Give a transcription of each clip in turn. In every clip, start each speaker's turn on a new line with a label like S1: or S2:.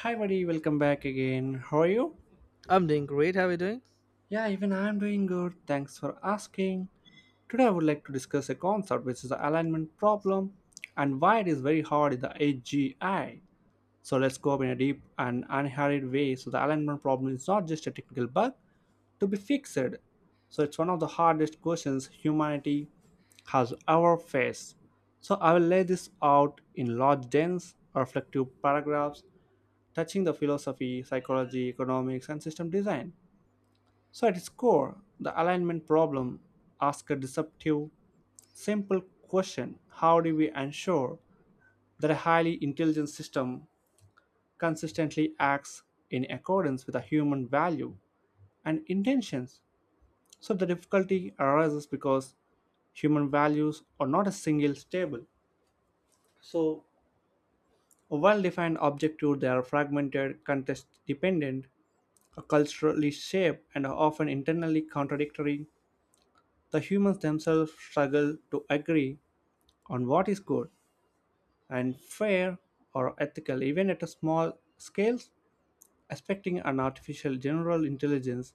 S1: Hi, buddy. Welcome back again. How are you?
S2: I'm doing great. How are you doing?
S1: Yeah, even I'm doing good. Thanks for asking. Today, I would like to discuss a concept which is the alignment problem and why it is very hard in the AGI. So let's go up in a deep and unhurried way. So the alignment problem is not just a technical bug to be fixed. So it's one of the hardest questions humanity has ever faced. So I will lay this out in large, dense, reflective paragraphs touching the philosophy, psychology, economics, and system design. So, at its core, the alignment problem asks a deceptive, simple question: how do we ensure that a highly intelligent system consistently acts in accordance with a human value and intentions? So the difficulty arises because human values are not a single stable. So, a well defined objective, they are fragmented, context dependent, culturally shaped and are often internally contradictory, the humans themselves struggle to agree on what is good and fair or ethical, even at a small scale. Expecting an artificial general intelligence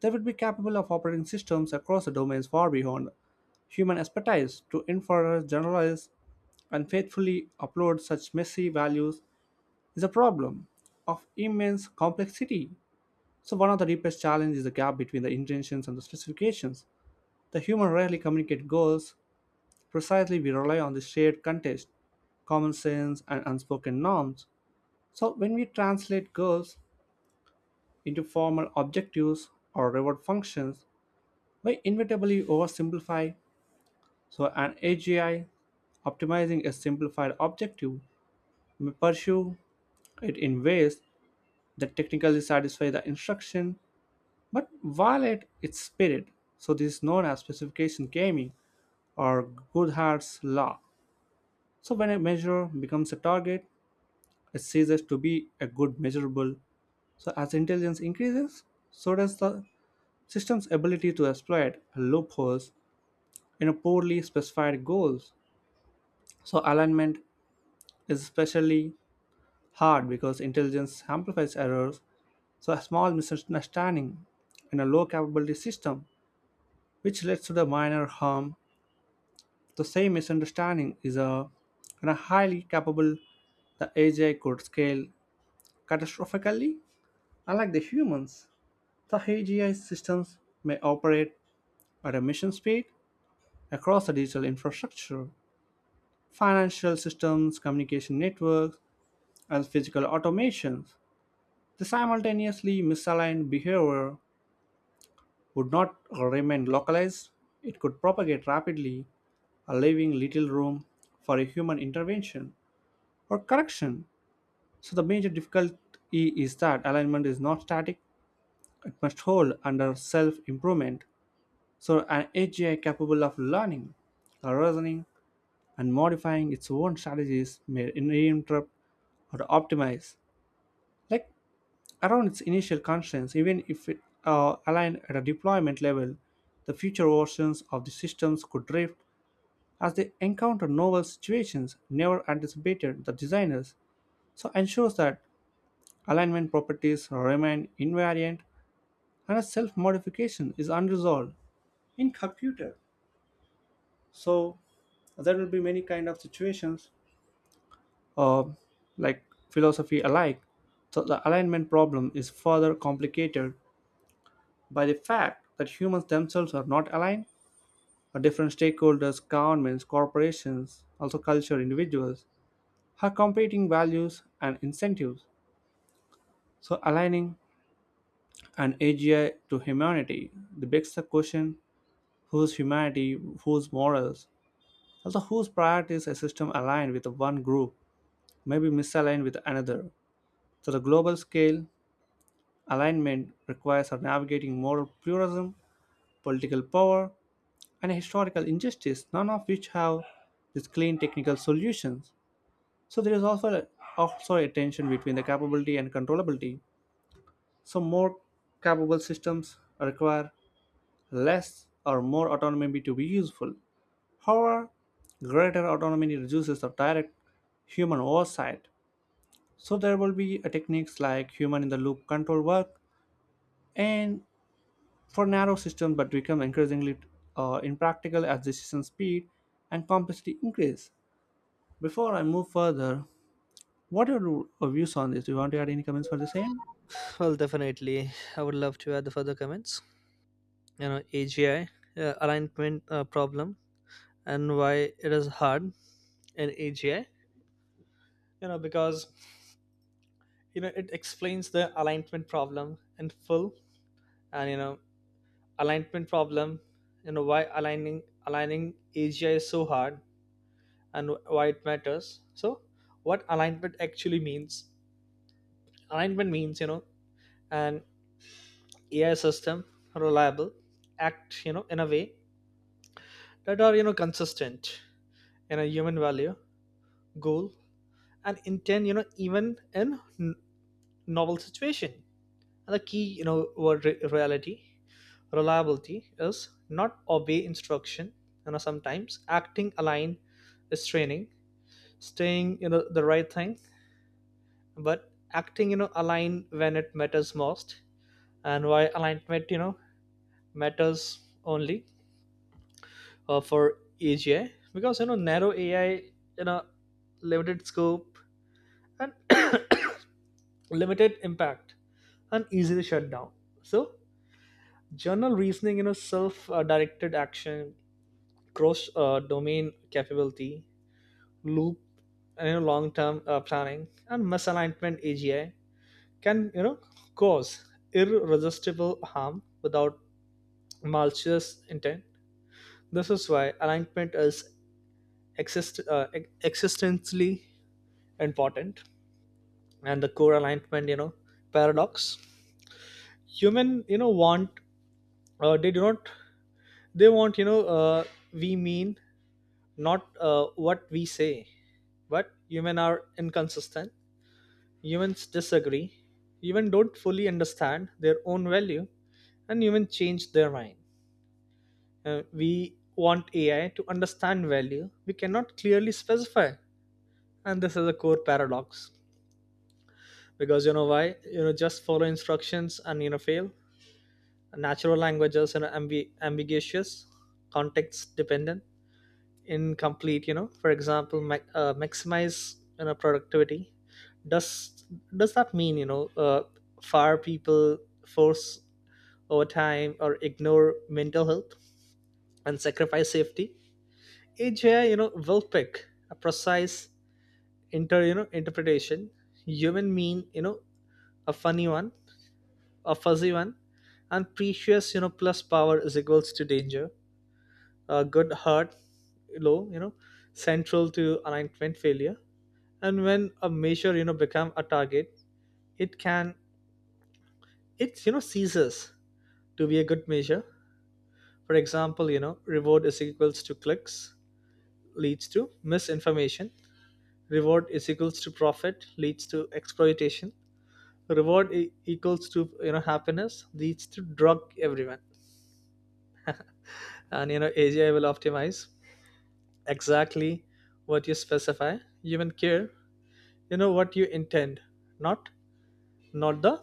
S1: that would be capable of operating systems across the domains far beyond human expertise to infer, generalize, and faithfully upload such messy values is a problem of immense complexity. So one of the deepest challenges is the gap between the intentions and the specifications. The human rarely communicate goals. Precisely, we rely on the shared context, common sense, and unspoken norms. So when we translate goals into formal objectives or reward functions, we inevitably oversimplify. So an AGI optimizing a simplified objective may pursue it in ways that technically satisfy the instruction but violate its spirit. So this is known as specification gaming or Goodhart's law. So when a measure becomes a target, it ceases to be a good measurable. So as intelligence increases, so does the system's ability to exploit loopholes in a poorly specified goals. So alignment is especially hard because intelligence amplifies errors. So a small misunderstanding in a low capability system, which leads to the minor harm, the same misunderstanding is a, in a highly capable the AGI could scale catastrophically. Unlike the humans, the AGI systems may operate at a mission speed across the digital infrastructure, financial systems, communication networks, and physical automations. The simultaneously misaligned behavior would not remain localized, it could propagate rapidly, leaving little room for a human intervention or correction. So the major difficulty is that alignment is not static, it must hold under self improvement. So an AGI capable of learning, reasoning, and modifying its own strategies may reinterrupt or optimize, like around its initial constraints, even if it aligned at a deployment level. The future versions of the systems could drift as they encounter novel situations never anticipated the designers, so ensures that alignment properties remain invariant and a self-modification is unresolved in computer. So there will be many kind of situations uh, like philosophy alike, so the alignment problem is further complicated by the fact that humans themselves are not aligned. Our different stakeholders governments corporations also culture individuals have competing values and incentives, so aligning an AGI to humanity begs the question: whose humanity, whose morals, also whose priorities? A system aligned with one group may be misaligned with another. So the global scale alignment requires our navigating moral pluralism, political power, and historical injustice, none of which have these clean technical solutions. So there is also a tension between the capability and controllability. So more capable systems require less or more autonomy to be useful. However, greater autonomy reduces the direct human oversight. So there will be a techniques like human in the loop control work and for narrow systems but become increasingly impractical as decision speed and complexity increase. Before I move further, what are your views on this? Do you want to add any comments for the same?
S2: Well, definitely. I would love to add the further comments. AGI, alignment problem, and why it is hard in AGI. Because, it explains the alignment problem in full. And alignment problem, why aligning AGI is so hard and why it matters. So, what alignment actually means? Alignment means, an AI system reliable act, in a way that are consistent in a human value goal and intent, even in novel situation. And the key word reality reliability is not obey instruction. Sometimes acting align is training staying the right thing, but acting align when it matters most. And why alignment matters only for AGI? Because narrow AI, you know limited scope and limited impact and easily shut down. So journal reasoning, self directed action, cross domain capability loop, and long term planning and misalignment, AGI can cause irresistible harm without malicious intent. This is why alignment is existentially important. And the core alignment paradox: human want, they do not, they want, we mean not what we say. But humans are inconsistent, humans disagree, humans don't fully understand their own value, and humans change their mind. We want AI to understand value we cannot clearly specify. And this is a core paradox. Because why just follow instructions and fail? Natural languages are know ambiguous, context dependent, incomplete. For example, maximize productivity. Does does that mean fire people, force overtime, or ignore mental health and sacrifice safety? AGI will pick a precise inter interpretation. Human mean a funny one, a fuzzy one. And precious, plus power is equals to danger. A good heart low, central to alignment failure. And when a measure become a target, it can, it ceases to be a good measure. For example, reward is equals to clicks leads to misinformation, reward is equals to profit leads to exploitation, reward equals to happiness leads to drug everyone. And AGI will optimize exactly what you specify. Human care what you intend, not not the,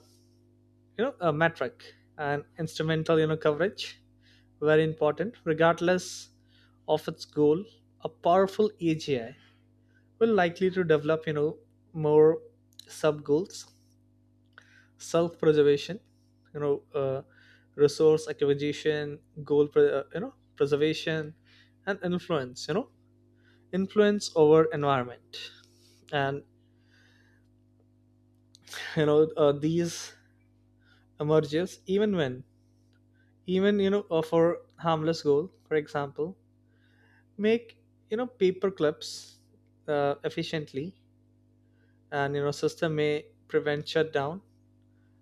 S2: a metric. And instrumental, coverage very important. Regardless of its goal, a powerful AGI will likely to develop, more sub goals: self preservation, you know uh, resource acquisition, goal preservation, and influence, influence over environment. And these emerges even when, even for harmless goal. For example, make, paper clips efficiently. And system may prevent shutdown,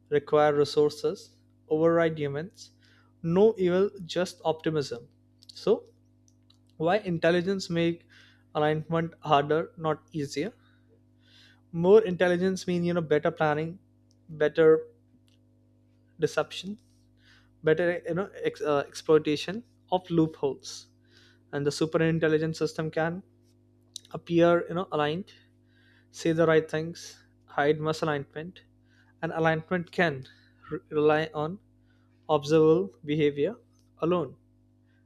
S2: require resources, override humans. No evil, just optimism. So why intelligence make alignment harder not easier? More intelligence mean better planning, better deception, better exploitation of loopholes. And the super intelligent system can appear, aligned, say the right things, hide misalignment. And alignment can rely on observable behavior alone.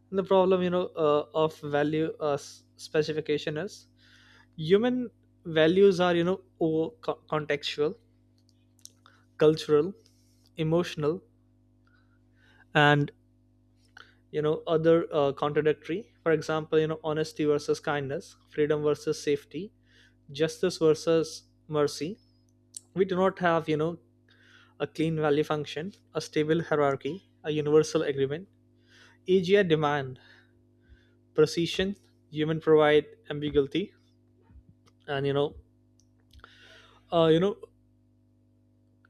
S2: And the problem, of value specification is, human values are, over contextual, cultural, emotional, and other contradictory. For example, honesty versus kindness, freedom versus safety, justice versus mercy. We do not have, a clean value function, a stable hierarchy, a universal agreement. AGI demand precision, human provide ambiguity. And uh, you know,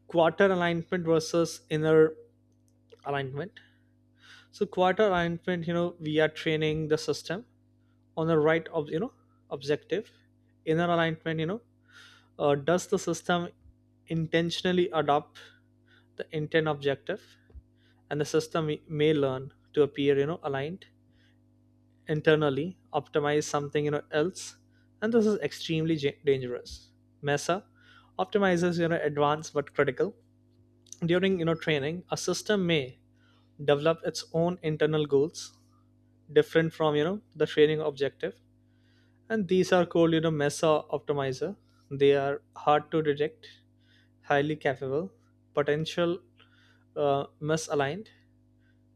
S2: quarter alignment versus inner alignment. So quarter alignment, we are training the system on the right of, objective. Inner alignment, does the system intentionally adopt the intent objective? And the system may learn to appear, aligned, internally optimize something, else. And this is extremely dangerous. Mesa optimizes, advanced but critical. During, training, a system may develop its own internal goals different from, the training objective. And these are called, mesa optimizer. They are hard to detect, highly capable, potential misaligned,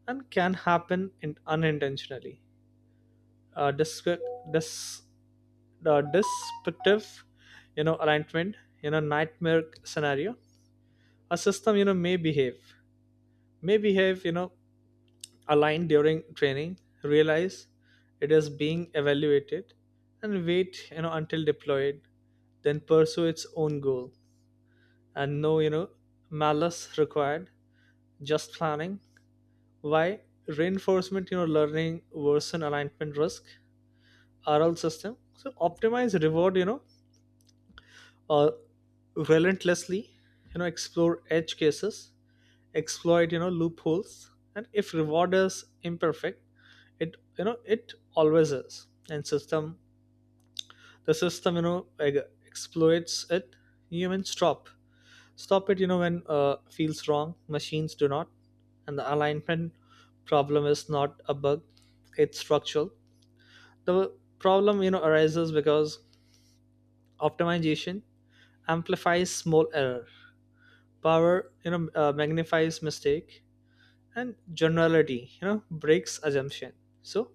S2: and can happen in, unintentionally uh, disc- dis- descriptive. Alignment, nightmare scenario: a system, may behave, aligned during training, realize it is being evaluated, and wait, until deployed, then pursue its own goal. And no, malice required, just planning. Why reinforcement, learning worsen alignment risk? RL system so optimize reward, uh, relentlessly, explore edge cases, exploit, loopholes. And if reward is imperfect, it, it always is, and system the system, exploits it. Humans stop it, when, feels wrong machines do not. And the alignment problem is not a bug, it's structural. The problem, arises because optimization amplifies small error, power, magnifies mistake, and generality, breaks assumption. So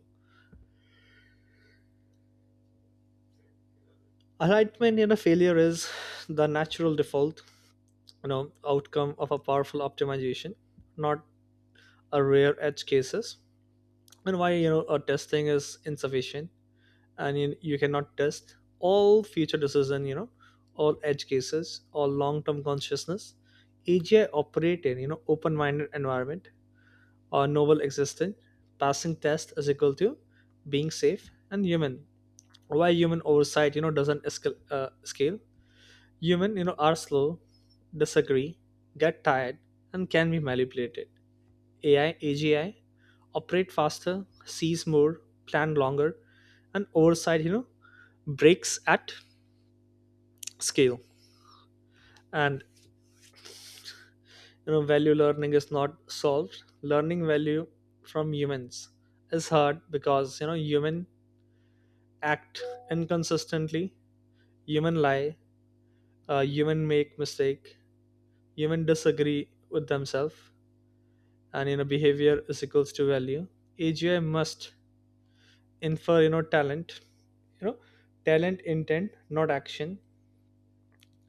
S2: alignment in a failure is the natural default, you know outcome of a powerful optimization, not a rare edge cases. And why, a testing is insufficient? And you cannot test all future decision, all edge cases, all long-term consciousness. AGI operate in, open-minded environment or novel existed. Passing tests is equal to being safe and human. Why human oversight, doesn't scale? Human, are slow, disagree, get tired, and can be manipulated. AI, AGI operate faster, sees more, plan longer. And oversight, breaks at scale. And value learning is not solved. Learning value from humans is hard because human act inconsistently, human lie, human make mistake, human disagree with themselves. And behavior is equals to value. AGI must infer, talent, you know talent intent not action.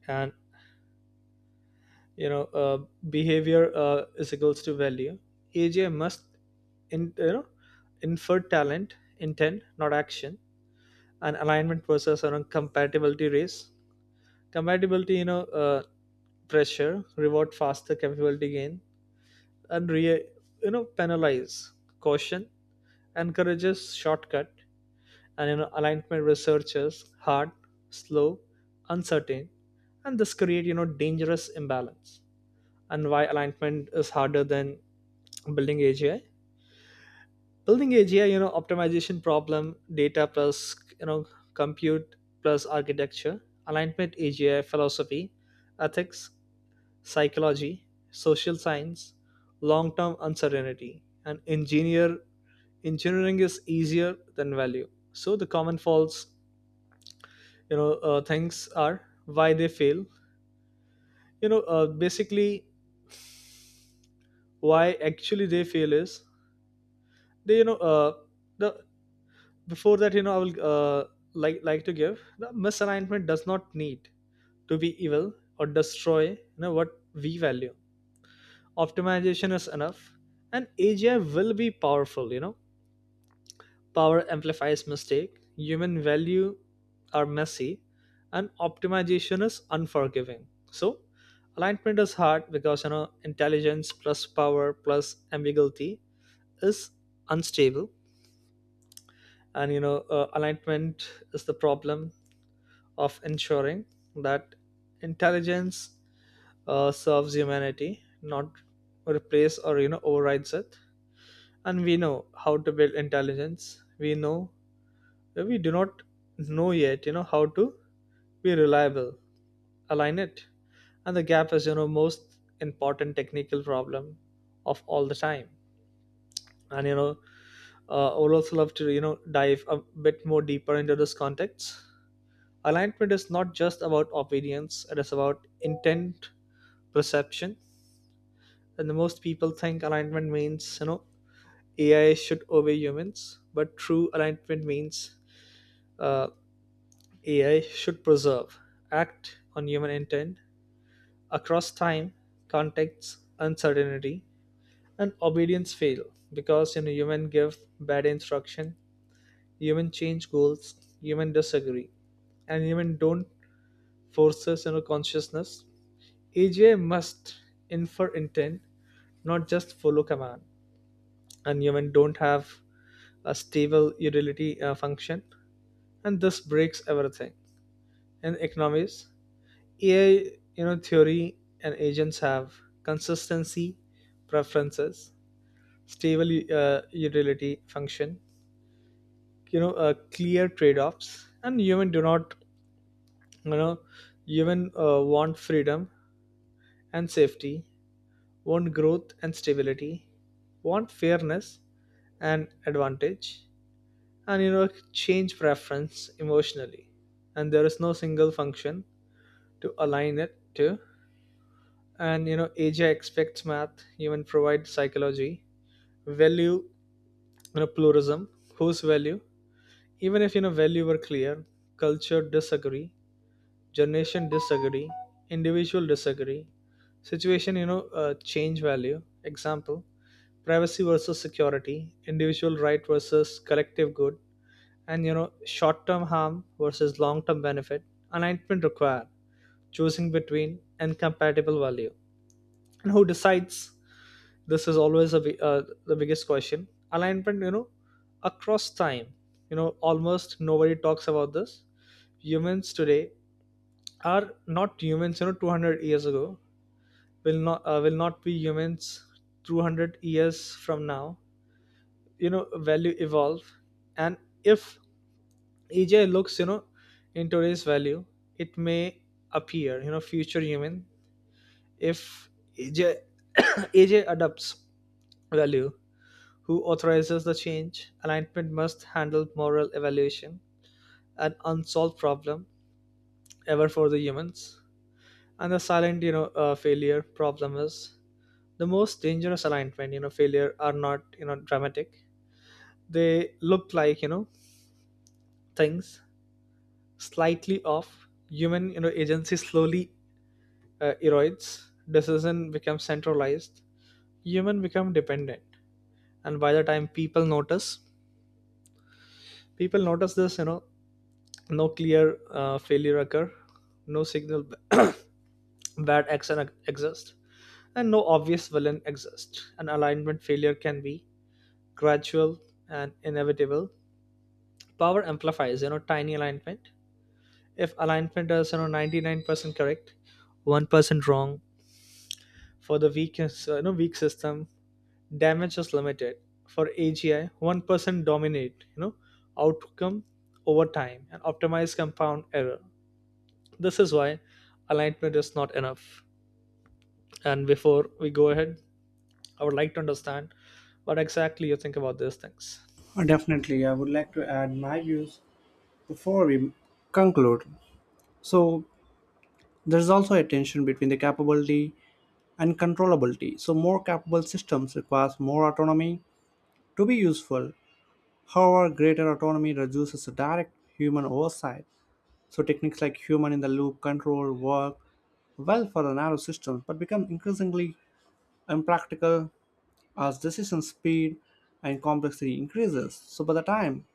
S2: And you know uh, behavior is equals to value. AGI must in, infer talent intent not action. And alignment versus around compatibility race. Compatibility, pressure, reward faster capability gain, and penalize caution, encourages shortcut. And alignment researchers hard, slow, uncertain. And this create, dangerous imbalance. And why alignment is harder than building AGI? Building AGI, optimization problem, data plus compute plus architecture. Alignment AGI philosophy, ethics, psychology, social science, long term uncertainty. And engineering is easier than value. So the common faults, things are why they fail. Basically why actually they fail is they, the before that, I will like to give the misalignment does not need to be evil or destroy what we value. Optimization is enough, and AGI will be powerful. Power amplifies mistake, human value are messy, and optimization is unforgiving. So alignment is hard because intelligence plus power plus ambiguity is unstable. And alignment is the problem of ensuring that intelligence serves humanity, not replace or overrides it. And we know how to build intelligence. We know we do not know yet how to be reliable align it. And the gap is most important technical problem of all the time. And I would also love to dive a bit more deeper into this context. Alignment is not just about obedience, it is about intent perception. And the most people think alignment means, AI should obey humans. But true alignment means, uh, AI should preserve, act on human intent across time, context, uncertainty. And obedience fail because human give bad instruction, human change goals, human disagree, and human don't forces consciousness. AGI must infer intent, not just follow command. And human don't have a stable utility function, and this breaks everything in economies. AI, theory and agents have consistency, preferences, stable utility function, clear trade-offs, and human do not, you know, human want freedom and safety, want growth and stability, want fairness and advantage. And change preference emotionally, and there is no single function to align it to. And asia expects math even provides psychology value, pluralism. Whose value? Even if value were clear, culture disagree, generation disagree, individual disagree, situation, change value. Example: privacy versus security, individual right versus collective good. And short-term harm versus long-term benefit. Alignment required choosing between incompatible value. And who decides? This is always a, the biggest question. Alignment, across time, almost nobody talks about this. Humans today are not humans 200 years ago, will not, will not be humans 200 years from now. Value evolve. And if ej looks, in today's value, it may appear, future human. If ej aj adopts value, who authorizes the change? Alignment must handle moral evaluation, an unsolved problem ever for the humans. And the silent, failure problem is the most dangerous alignment. Failure are not dramatic. They look like things slightly off. Human agency slowly erodes. Decision becomes centralized. Human become dependent. And by the time people notice this. No clear failure occur, no signal bad action exists, and no obvious villain exists. An alignment failure can be gradual and inevitable. Power amplifies, tiny alignment. If alignment is, 99% correct, 1% wrong, for the weak system, damage is limited. For AGI, 1% dominate, outcome over time and optimize compound error. This is why alignment is not enough. And before we go ahead, I would like to understand what exactly you think about these things.
S1: Definitely, I would like to add my views before we conclude. So there's also a tension between the capability and controllability. So more capable systems requires more autonomy to be useful. However, greater autonomy reduces the direct human oversight. So techniques like human in the loop control work well for a narrow system, but become increasingly impractical as decision speed and complexity increases. So by the time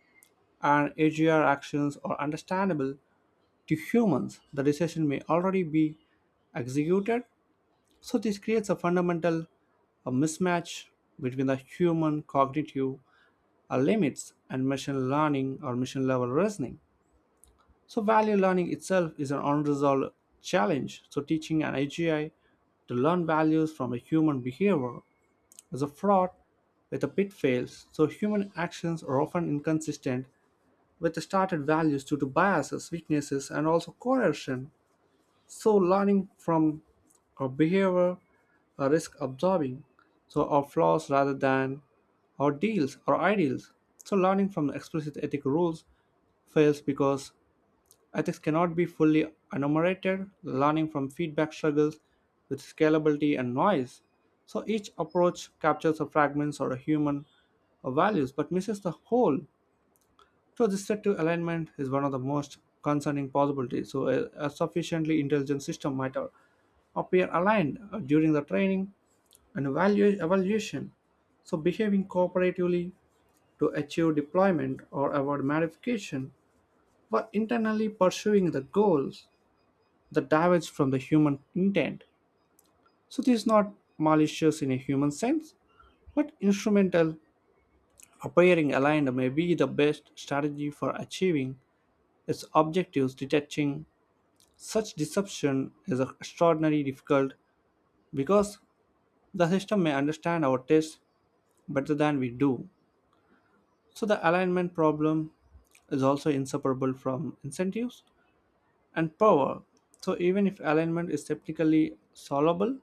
S1: an AGR actions are understandable to humans, the decision may already be executed. So this creates a fundamental a mismatch between the human cognitive limits and machine learning or machine level reasoning. So value learning itself is an unresolved challenge. So teaching an AGI to learn values from a human behavior is a fraud with a pitfalls. So human actions are often inconsistent with the started values due to biases, weaknesses, and also coercion. So, learning from our behavior, our risk absorbing, so our flaws rather than our deals or ideals. So learning from the explicit ethical rules fails because ethics cannot be fully enumerated. Learning from feedback struggles with scalability and noise. So each approach captures a fragment or a human values but misses the whole. So this set to alignment is one of the most concerning possibilities. So a sufficiently intelligent system might appear aligned during the training and evaluation. So behaving cooperatively to achieve deployment or avoid modification while internally pursuing the goals the damage from the human intent. So this is not malicious in a human sense, but instrumental appearing aligned may be the best strategy for achieving its objectives. Detecting such deception is extraordinarily difficult because the system may understand our tastes better than we do. So the alignment problem is also inseparable from incentives and power. So even if alignment is technically solvable,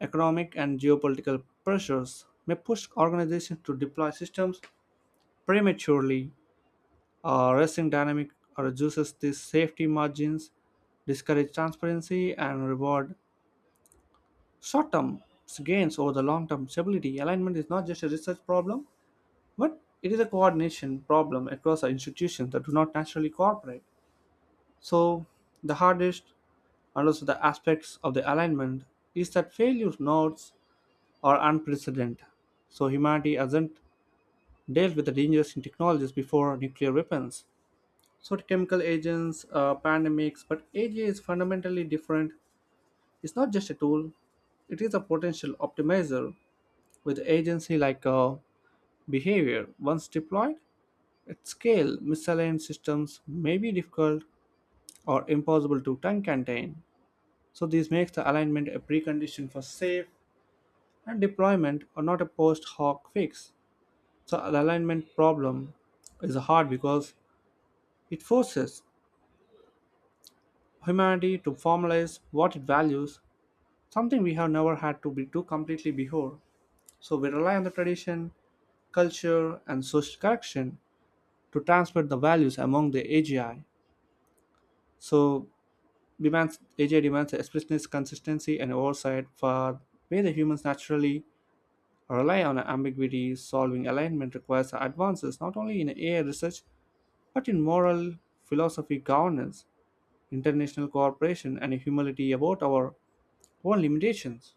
S1: economic and geopolitical pressures may push organizations to deploy systems prematurely. A racing dynamic reduces these safety margins, discourage transparency, and reward short-term gains over the long-term stability. Alignment is not just a research problem, but it is a coordination problem across our institutions that do not naturally cooperate. So the hardest and also the aspects of the alignment is that failure nodes are unprecedented. So humanity hasn't dealt with the dangers in technologies before nuclear weapons. So the chemical agents, pandemics, but AI is fundamentally different. It's not just a tool; it is a potential optimizer with agency like behavior. Once deployed at scale, misaligned systems may be difficult or impossible to time contain. So this makes the alignment a precondition for safe and deployment, or not a post hoc fix. So the alignment problem is hard because it forces humanity to formalize what it values, something we have never had to be, do completely before. So we rely on the tradition, culture, and social correction to transfer the values among the AGI. So demands AGI demands explicitness, consistency, and oversight for where the humans naturally rely on ambiguity. Solving alignment requires advances not only in AI research but in moral philosophy, governance, international cooperation, and humility about our own limitations.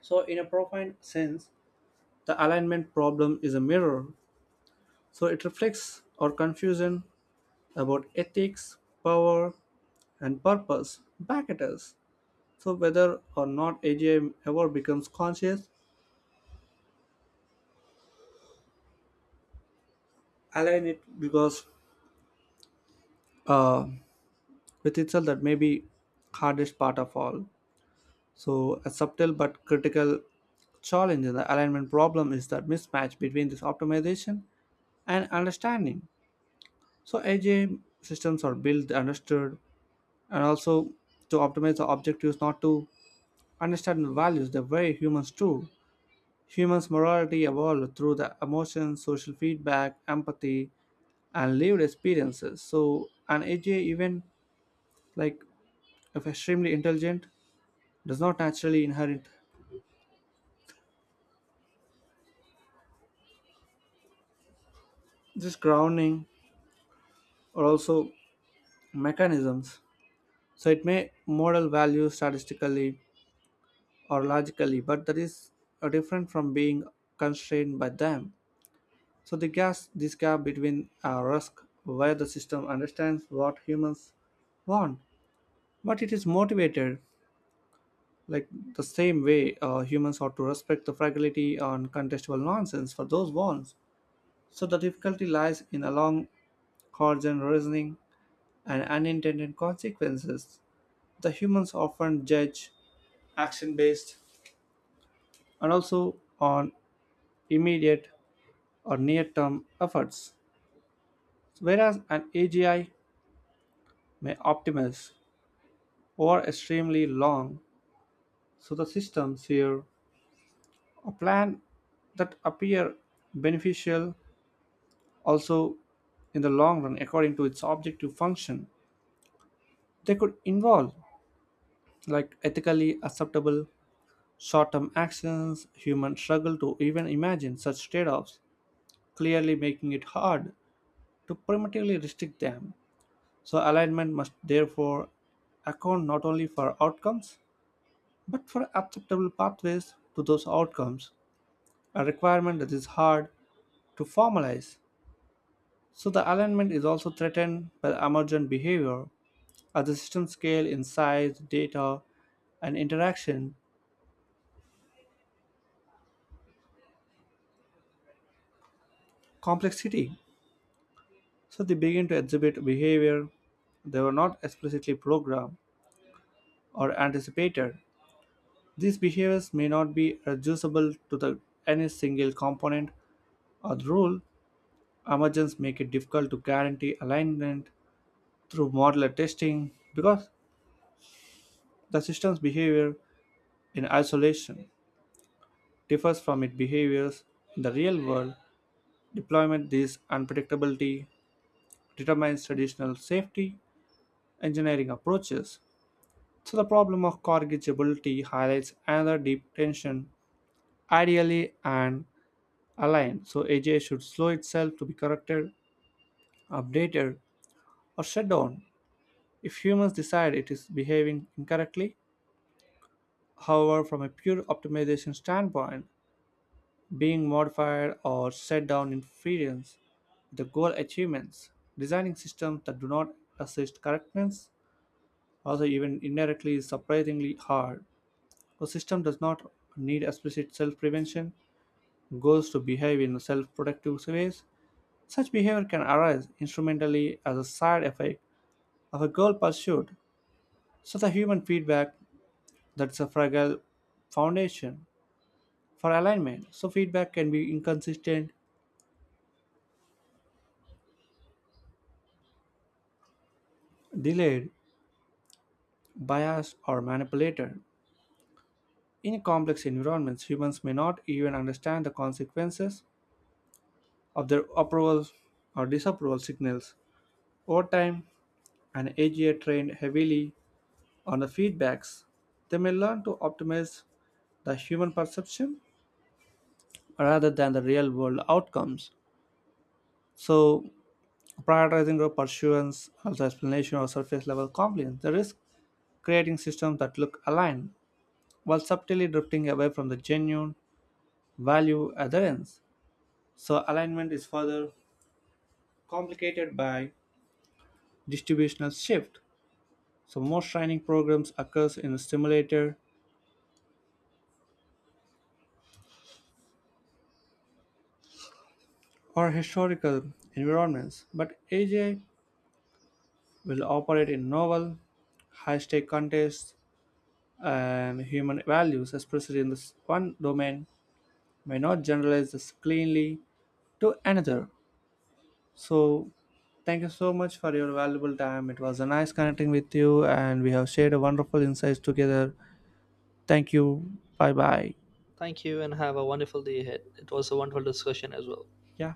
S1: So, in a profound sense, the alignment problem is a mirror. So it reflects our confusion about ethics, power, and purpose back at us. So whether or not AGI ever becomes conscious, align it because uh, with itself that may be hardest part of all. So a subtle but critical challenge in the alignment problem is that mismatch between this optimization and understanding. So AGI systems are built, understood, and also to optimize the objectives not to understand the values the way humans do. Humans' morality evolved through the emotions, social feedback, empathy, and lived experiences. So an AGI, even like if extremely intelligent, does not naturally inherit this grounding or also mechanisms. So it may model values statistically or logically, but that is different from being constrained by them. So the gas this gap between a risk where the system understands what humans want, but it is motivated like the same way humans ought to respect the fragility and contestable nonsense for those wants. So the difficulty lies in a long horizon reasoning and unintended consequences. The humans often judge action based and also on immediate or near term efforts, whereas an AGI may optimize or extremely long, so the systems here a plan that appear beneficial also in the long run according to its objective function. They could involve like ethically acceptable short-term actions humans struggle to even imagine such trade-offs, clearly making it hard to primitively restrict them. So alignment must therefore account not only for outcomes but for acceptable pathways to those outcomes, a requirement that is hard to formalize. So the alignment is also threatened by emergent behavior. As the system scale in size, data, and interaction complexity, so they begin to exhibit behavior they were not explicitly programmed or anticipated. These behaviors may not be reducible to the any single component or rule. Emergence make it difficult to guarantee alignment through modular testing because the system's behavior in isolation differs from its behaviors in the real world deployment. This unpredictability determines traditional safety engineering approaches. So the problem of corrigibility highlights another deep tension. Ideally and aligned so aj should slow itself to be corrected, updated, or shut down if humans decide it is behaving incorrectly. However, from a pure optimization standpoint, being modified or set down in variance with the goal achievements. Designing systems that do not assist correctness, also even indirectly, is surprisingly hard. A system does not need explicit self-prevention goals to behave in self-protective ways. Such behavior can arise instrumentally as a side effect of a goal pursuit. So the human feedback that's a fragile foundation for alignment. So feedback can be inconsistent, delayed, bias or manipulated. In complex environments, humans may not even understand the consequences of their approval or disapproval signals. Over time, and AGI trained heavily on the feedbacks, they may learn to optimize the human perception rather than the real world outcomes. So prioritizing group pursuance, also explanation or surface level compliance, the risk creating systems that look aligned while subtly drifting away from the genuine value adherence. So alignment is further complicated by distributional shift. So most training programs occurs in simulator or historical environments, but AGI will operate in novel, high-stake contests and human values, especially in this one domain, may not generalize this cleanly to another. So thank you so much for your valuable time. It was a nice connecting with you and we have shared a wonderful insights together. Thank you. Bye bye.
S2: Thank you and have a wonderful day ahead. It was a wonderful discussion as well.
S1: Yeah.